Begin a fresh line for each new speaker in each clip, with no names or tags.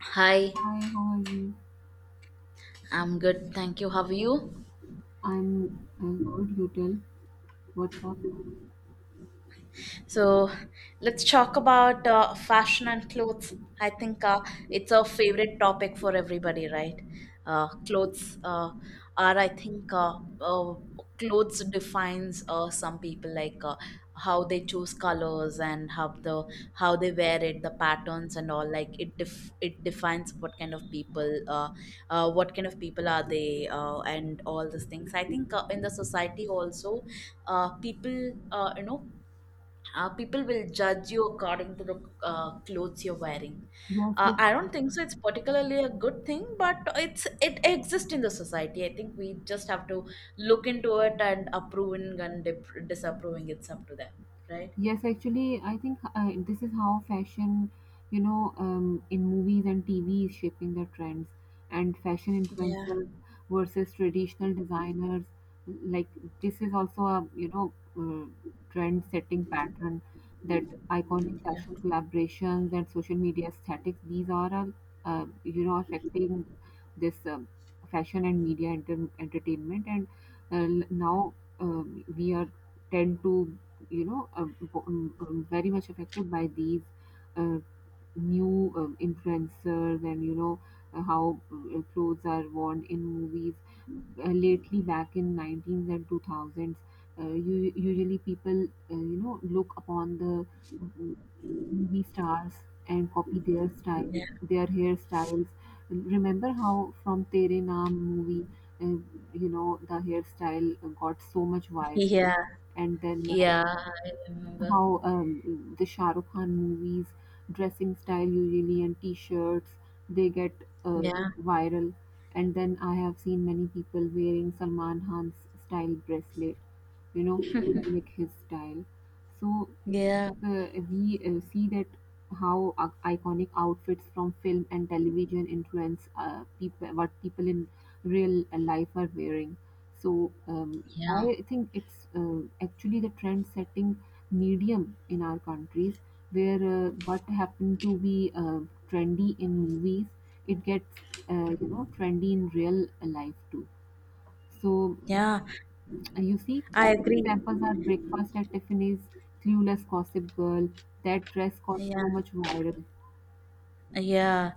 Hi,
Hi, how are you?
I'm good. Thank you. How are you?
I'm good. You tell. What about?
So, let's talk about fashion and clothes. I think it's a favorite topic for everybody, right? Clothes are, I think, uh, Clothes defines some people like how they choose colors and how the how they wear it, the patterns and all. Like it defines what kind of what kind of people are they, and all these things. I think in the society also, people, people will judge you according to the clothes you're wearing. uh,
Yes,
i don't think so it's particularly a good thing, but it's it exists in the society. I think we just have to look into it, and approving and disapproving, it's up to them, right?
Yes, actually, I think this is how fashion, in movies and TV is shaping the trends, and fashion
Yeah,
influencers versus traditional designers. Like this is also a uh, trend-setting pattern that iconic
yeah,
fashion collaborations and social media aesthetics. These are all, affecting this fashion and media entertainment, and now we are tend to you know, uh, very much affected by these uh, new influencers and, how clothes are worn in movies. Lately, back in 19s and 2000s, usually people, look upon the mm, movie stars and copy their style,
yeah,
their hairstyles. Remember how from Tere Naam movie, uh, the hairstyle got so much viral,
yeah,
and then
yeah. I remember.
how the Shah Rukh Khan movies dressing style usually and t-shirts they get uh,
Yeah,
viral, and then I have seen many people wearing Salman Khan's style bracelet, you know, to mimic his style. So
yeah,
we see that how iconic outfits from film and television influence people, what people in real life are wearing. So
yeah,
I think it's actually the trend setting medium in our countries, where what happened to be trendy in movies, it gets, you know, trendy in real life too. So
yeah.
you see,
I
classic
agree.
examples are Breakfast at Tiffany's, Clueless, Gossip Girl. That dress got
Yeah.
so much viral.
Yeah,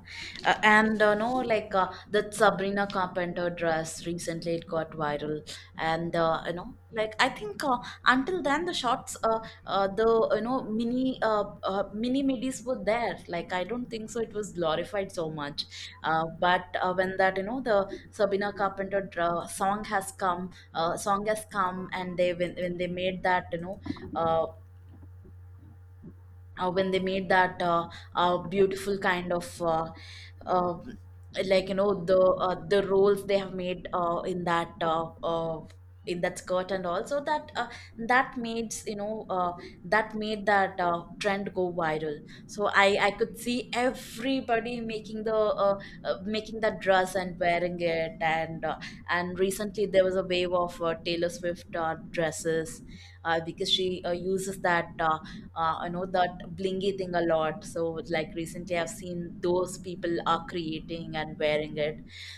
and no, like that Sabrina Carpenter dress recently, it got viral, and you know, like I think until then the shots, the you know mini mini midis were there. Like I don't think so it was glorified so much, but when that you know the Sabrina Carpenter song has come, and they when they made that you know, uh, when they made that beautiful kind of uh, like you know the roles they have made in that skirt, and also that that made you know that made that trend go viral. So I could see everybody making the making that dress and wearing it. And and recently there was a wave of Taylor Swift dresses, because she uses that you know that blingy thing a lot. So like recently I've seen those people are creating and wearing it.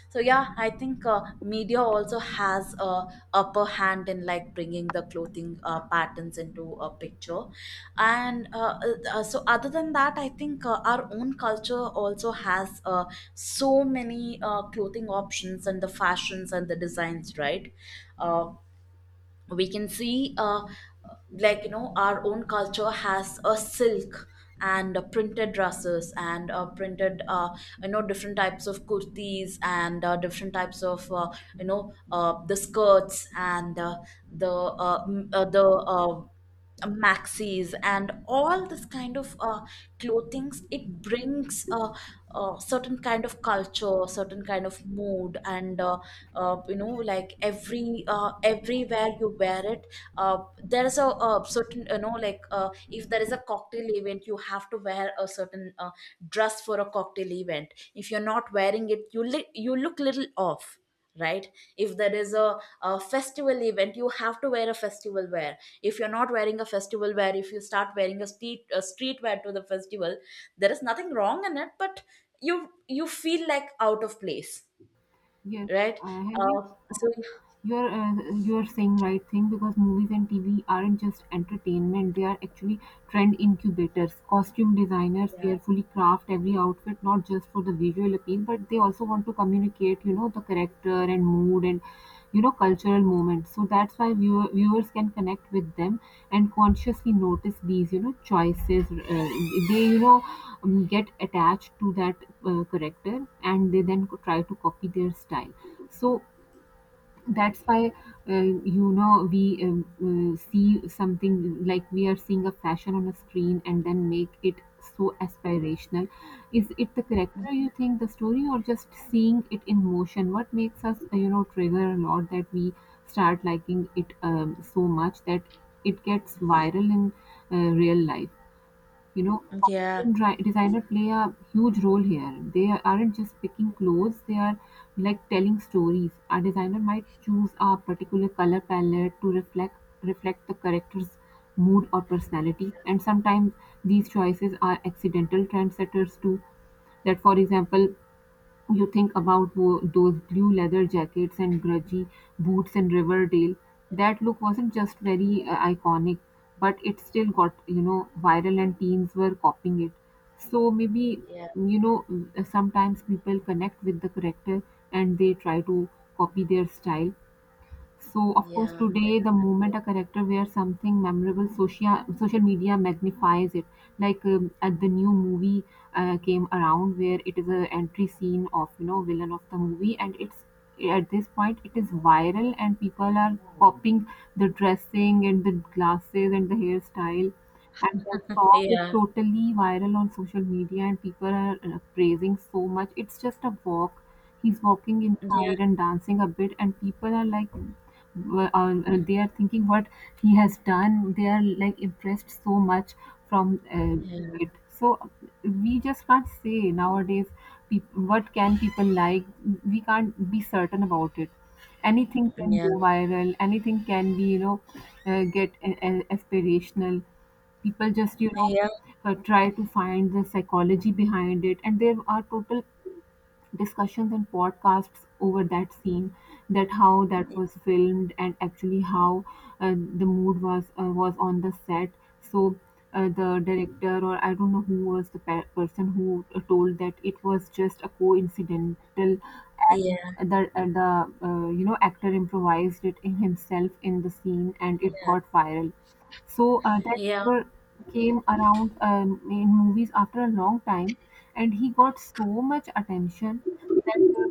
So yeah, I think media also has a upper hand in like bringing the clothing patterns into a picture. And so other than that, I think our own culture also has so many clothing options and the fashions and the designs, right? uh, we can see like you know our own culture has a silk and printed dresses, and printed you know different types of kurtis, and different types of you know the skirts, and the m- the maxis and all this kind of clothings. It brings a certain kind of culture, certain kind of mood, and you know like everywhere you wear it, there is a certain you know like if there is a cocktail event, you have to wear a certain dress for a cocktail event. If you're not wearing it, you you look little off, right? If there is a festival event, you have to wear a festival wear. If you're not wearing a festival wear, if you start wearing a street wear to the festival, there is nothing wrong in it, but you feel like out of place,
Yes,
right?
have you,
uh, so
you're uh, you're saying right thing, because movies and TV aren't just entertainment, they are actually trend incubators. Costume designers
yeah,
carefully craft every outfit, not just for the visual appeal, but they also want to communicate, you know, the character and mood and, you know, cultural moments. So that's why viewers can connect with them and consciously notice these, you know, choices. They, you know, get attached to that character, and they then try to copy their style. So that's why, uh, you know, we see something like we are seeing a fashion on a screen and then make it so aspirational. Is it the character, you think, the story, or just seeing it in motion, what makes us, you know, trigger a lot that we start liking it so much that it gets viral in real life? You know,
yeah,
costume designer play a huge role here. They aren't just picking clothes, they are like telling stories. A designer might choose a particular color palette to reflect the character's mood or personality, and sometimes these choices are accidental trendsetters too. That, for example, you think about those blue leather jackets and grungy boots in Riverdale. That look wasn't just very iconic, but it still got, you know, viral, and teens were copying it. So maybe,
yeah,
you know, sometimes people connect with the character and they try to copy their style. So, of course,
yeah,
today the moment a character wears something memorable, social media magnifies it. Like, at the new movie came around, where it is a entry scene of, you know, villain of the movie, and it's at this point it is viral, and people are copying the dressing and the glasses and the hairstyle, and that song is
yeah,
totally viral on social media, and people are praising so much. It's just a walk, he's walking
yeah, yeah,
inside and dancing a bit, and people are like on, they are thinking what he has done. They are like impressed so much from it. So we just can't say nowadays, peop what can people like, we can't be certain about it. Anything can
yeah,
go viral, anything can be, you know, get aspirational. People just, you
yeah,
know,
yeah,
try to find the psychology behind it, and there are total discussions and podcasts over that scene, that how that was filmed and actually how the mood was on the set. So the director, or I don't know who was the person, who told that it was just a coincidental
yeah,
act. The, you know, actor improvised it in himself in the scene, and it got viral. So that
yeah,
actor came around in movies after a long time, and he got so much attention that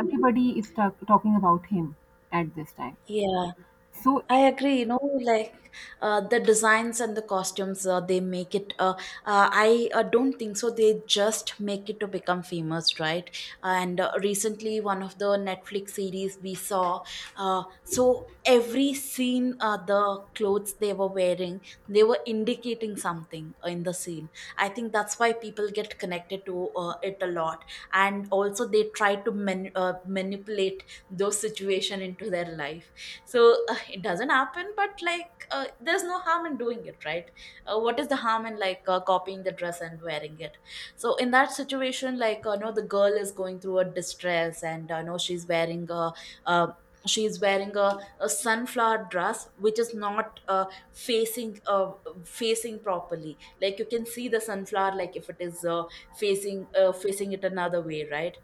everybody is talking about him at this time.
yeah.
So
I
it,
agree, you know, like the designs and the costumes, they make it. I don't think so. They just make it to become famous, right? And recently, one of the Netflix series we saw, so every scene, the clothes they were wearing, they were indicating something in the scene. I think that's why people get connected to it a lot. And also, they try to manipulate those situation into their life. So it doesn't happen, but like there's no harm in doing it, right? What is the harm in like copying the dress and wearing it? So in that situation, like no, the girl is going through a distress, and no, she's wearing a uh, she's wearing a, a sunflower dress, which is not facing uh, facing properly. Like you can see the sunflower, like if it is facing it another way, right?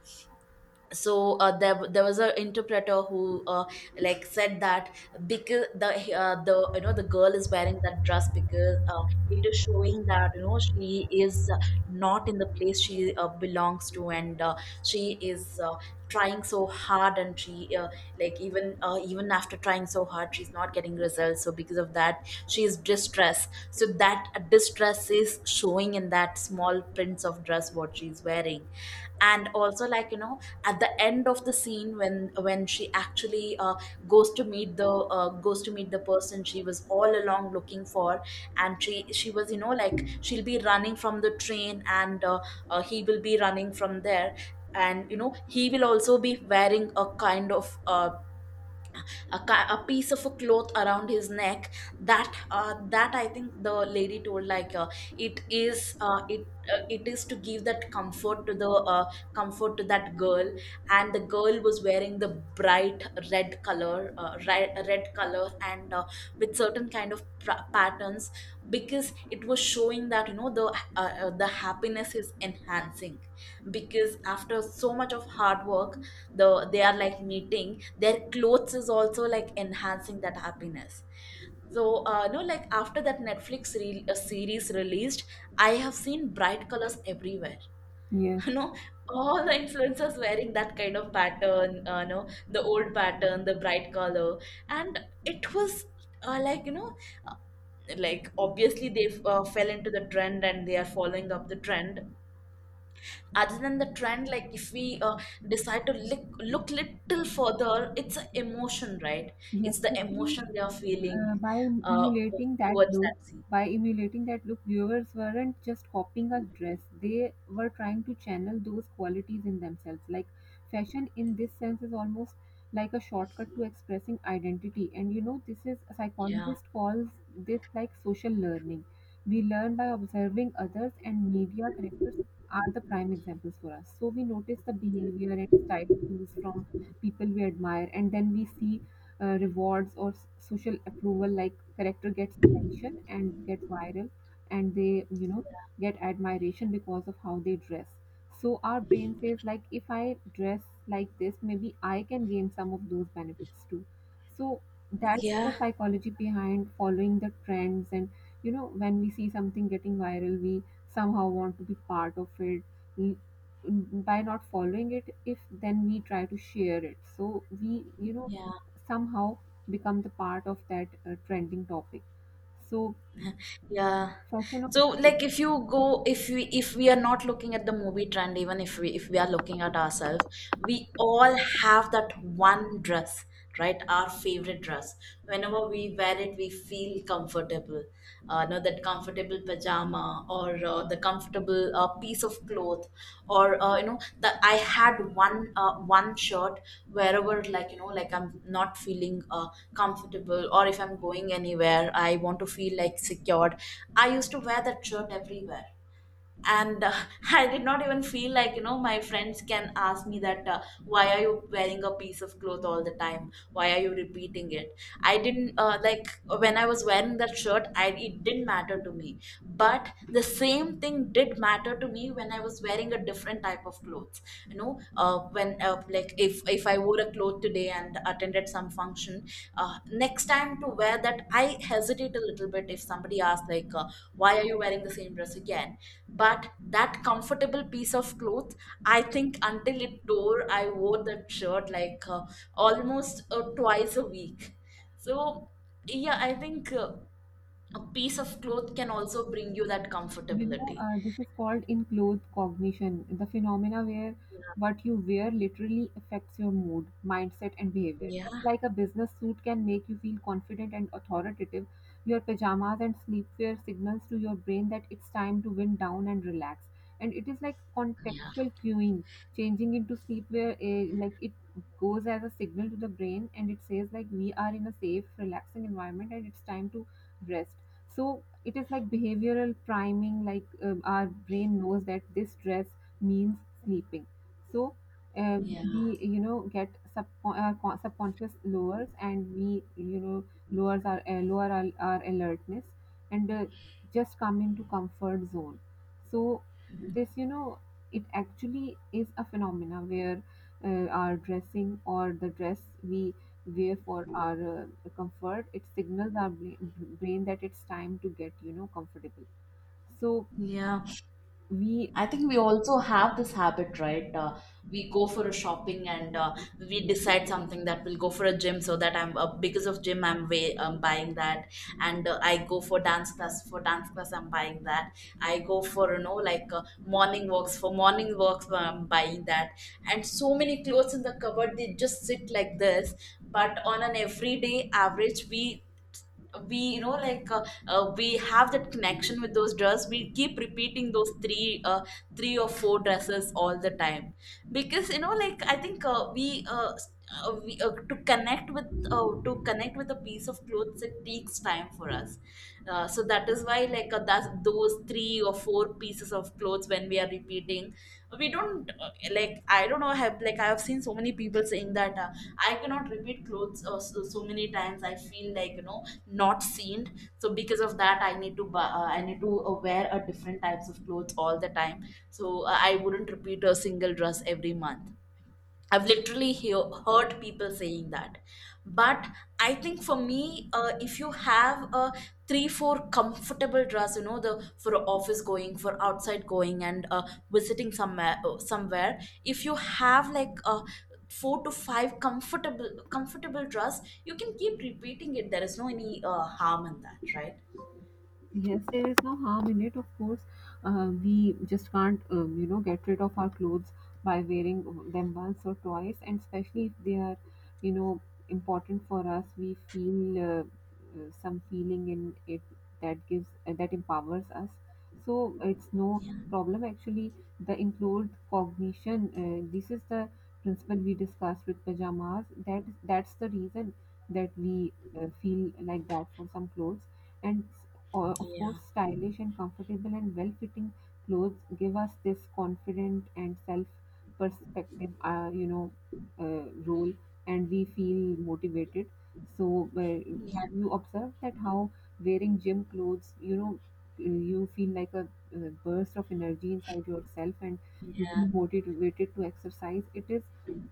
So there, there was an interpreter who like said that, because the you know the girl is wearing that dress because it is showing that you know she is not in the place she belongs to, and she is trying so hard, and she like even even after trying so hard she's not getting results. So because of that, she is distressed, so that distress is showing in that small prints of dress what she's wearing. And also like you know, at the end of the scene, when she actually goes to meet the person she was all along looking for. And she was you know like, she'll be running from the train, and he will be running from there. And you know he will also be wearing a kind of a, a piece of a cloth around his neck. That I think the lady told, like it is uh, it it is to give that comfort to the comfort to that girl. And the girl was wearing the bright red color, red color, and with certain kind of patterns, because it was showing that you know the happiness is enhancing, because after so much of hard work they are like meeting, their clothes is also like enhancing that happiness. So no, like after that Netflix series released, I have seen bright colors everywhere.
yes,
You know, all the influencers wearing that kind of pattern, no, the old pattern, the bright color. And it was like you know, uh, like obviously they fell into the trend and they are following up the trend. Other than the trend, like if we decide to look little further, it's an emotion, right?
yes,
It's the
actually,
emotion they are
uh,
feeling
by
uh,
emulating that
towards
look,
that scene.
by emulating that look, viewers weren't just copying a dress; they were trying to channel those qualities in themselves. Like fashion, in this sense, is almost like a shortcut to expressing identity. And you know, this is a
Yeah,
psychologist calls this like social learning. We learn by observing others, and media characters are the prime examples for us. So we notice the behavior and style cues from people we admire, and then we see rewards or social approval, like character gets attention and get viral, and they, you know, get admiration because of how they dress. So our brain says, like, if I dress like this, maybe I can gain some of those benefits too. So that's the
yeah,
psychology behind following the trends. And you know, when we see something getting viral, we somehow want to be part of it. L- by not following it, if then we try to share it, so we, you know,
yeah.
somehow become the part of that trending topic. So,
Yeah.
fashion of
So like if you go, if we, if we are not looking at the movie trend, even if we, if we are looking at ourselves, we all have that one dress, right? Our favorite dress. Whenever we wear it, we feel comfortable. Uh no, that comfortable pajama, or the comfortable piece of cloth, or you know, that I had one shirt, wherever like you know, like I'm not feeling comfortable, or if I'm going anywhere, I want to feel like secured, I used to wear that shirt everywhere. And I did not even feel like you know, my friends can ask me that why are you wearing a piece of cloth all the time, why are you repeating it. I didn't like, when I was wearing that shirt, I it didn't matter to me. But the same thing did matter to me when I was wearing a different type of clothes. You know when like if I wore a cloth today and attended some function, next time to wear that, I hesitate a little bit if somebody asks like why are you wearing the same dress again. But that comfortable piece of cloth, I think until it tore, I wore that shirt like almost twice a week. So yeah, I think a piece of cloth can also bring you that comfortability.
this is called in cloth cognition, the phenomena where
Yeah,
what you wear literally affects your mood, mindset, and behavior.
yeah,
Just like a business suit can make you feel confident and authoritative, your pajamas and sleepwear signals to your brain that it's time to wind down and relax. And it is like
yeah.
contextual cueing, changing into sleepwear, like it goes as a signal to the brain, and it says like we are in a safe, relaxing environment and it's time to rest. So it is like behavioral priming, like, our brain knows that this dress means sleeping. So uh,
Yeah.
we, you know, get subconscious lowers, and we, you know, lower our alertness, and just come into comfort zone. So this, you know, it actually is a phenomena where our dressing, or the dress we way for our comfort, it signals our brain that it's time to get, you know, comfortable. So
Yeah.
we,
I think we also have this habit, right? We go for a shopping and we decide something that we will go for a gym, so that I'm because of gym I'm way buying that, and I go for dance class, for dance class I'm buying that. I go for you know like morning walks, for morning walks I'm buying that, and so many clothes in the cupboard, they just sit like this. But on an everyday average, we you know like we have that connection with those dresses. We keep repeating those three or four dresses all the time, because you know like I think we s- we, to connect with a piece of clothes, it takes time for us. So that is why like that's those three or four pieces of clothes when we are repeating, we don't like I don't know, I have like I have seen so many people saying that I cannot repeat clothes. So, so many times I feel like you know not seen. So because of that, I need to I need to wear a different types of clothes all the time. I wouldn't repeat a single dress every month. I've literally heard people saying that. But I think for me, if you have a four comfortable dress, you know, the for office going, for outside going, and visiting somewhere, if you have like four to five comfortable dress, you can keep repeating it. There is no any harm in that, right?
yes, there is no harm in it. Of course, we just can't, you know, get rid of our clothes by wearing them once or twice, and especially if they are, you know, important for us. We feel some feeling in it that gives that empowers us. So it's no
Yeah,
problem. Actually, the enclosed cognition. This is the principle we discussed with pajamas. That that's the reason that we feel like that for some clothes, and or of
yeah,
course stylish and comfortable and well-fitting clothes give us this confident and self-perspective, you know, uh, role, and we feel motivated. So have
yeah,
you observed that how wearing gym clothes, you know, you feel like a burst of energy inside yourself, and you
yeah,
feel motivated to exercise? It is,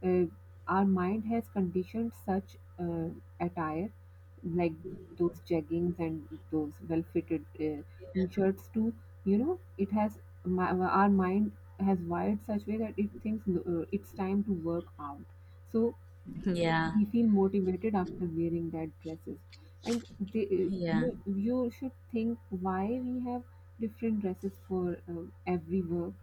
uh, our mind has conditioned such attire, like those jeggings and those well-fitted shirts too. You know, it has our mind has wired such way that it thinks it's time to work out. So
yeah,
we feel motivated after wearing that dresses, and they,
yeah,
you should think why we have different dresses for every work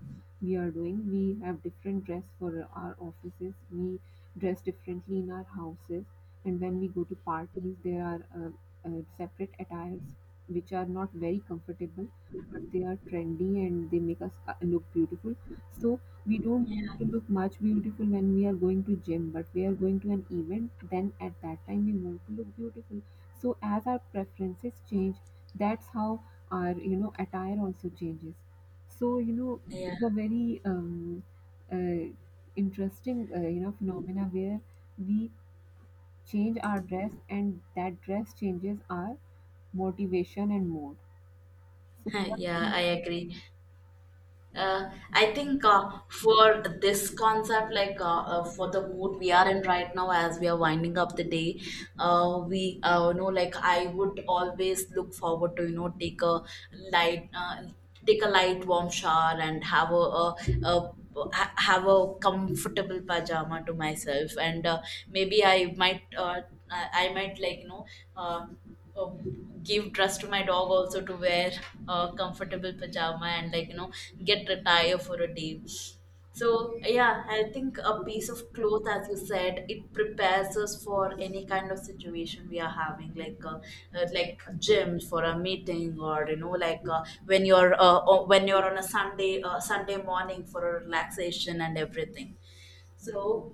we are doing. We have different dress for our offices, we dress differently in our houses, and when we go to parties there are separate attires which are not very comfortable, but they are trendy and they make us look beautiful. So we don't to
yeah,
look much beautiful when we are going to gym, but we are going to an event, then at that time we want to look beautiful. So as our preferences change, that's how our, you know, attire also changes. So you know
yeah.
it's a very uh, interesting, you know, phenomena where we change our dress, and that dress changes our motivation and mood. So
Yeah, I agree. I think for this concept, like for the mood we are in right now, as we are winding up the day, we know, like, I would always look forward to you know take a light, uh, take a light warm shower, and have a have a comfortable pajama to myself, and maybe I might I might like you know. Uh, uh, Give trust to my dog also to wear a comfortable pajama, and like you know get a tire for a day. So yeah, I think a piece of cloth, as you said, it prepares us for any kind of situation we are having, like gym, for a meeting, or you know like when you're on a Sunday, Sunday morning for a relaxation and everything. So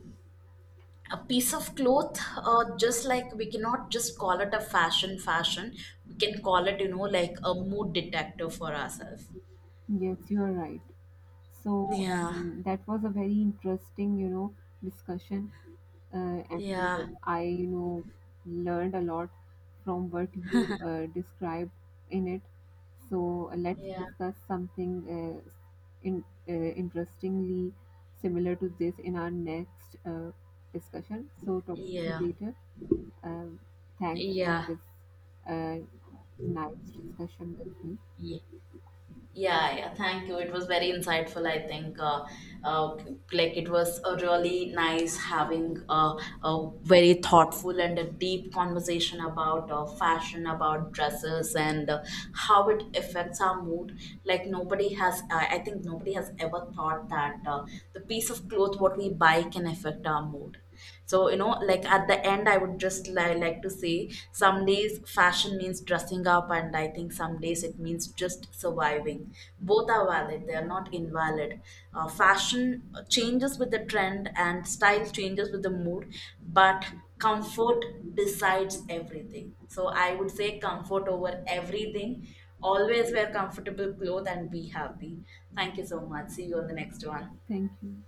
a piece of cloth, just like we cannot just call it a fashion fashion, we can call it you know like a mood detector for ourselves.
yes, you are right. So,
Yeah.
that was a very interesting, you know, discussion, and
Yeah,
I, you know, learned a lot from what you described in it. So let's
yeah,
discuss something uh, in interestingly similar to this in our next discussion. So talk to you
yeah,
later. Um, Thanks for
yeah,
this uh, nice discussion with me.
yeah. Yeah, yeah, thank you. It was very insightful, I think. Uh, like, it was a really nice having a very thoughtful and a deep conversation about fashion, about dresses, and how it affects our mood. Like, nobody has, I think, nobody has ever thought that the piece of cloth what we buy can affect our mood. So you know like at the end, I would just like to say, some days fashion means dressing up, and I think some days it means just surviving. Both are valid, they are not invalid. Fashion changes with the trend, and style changes with the mood. But comfort decides everything. So I would say comfort over everything. Always wear comfortable clothes and be happy. Thank you so much, see you on the next one.
Thank you.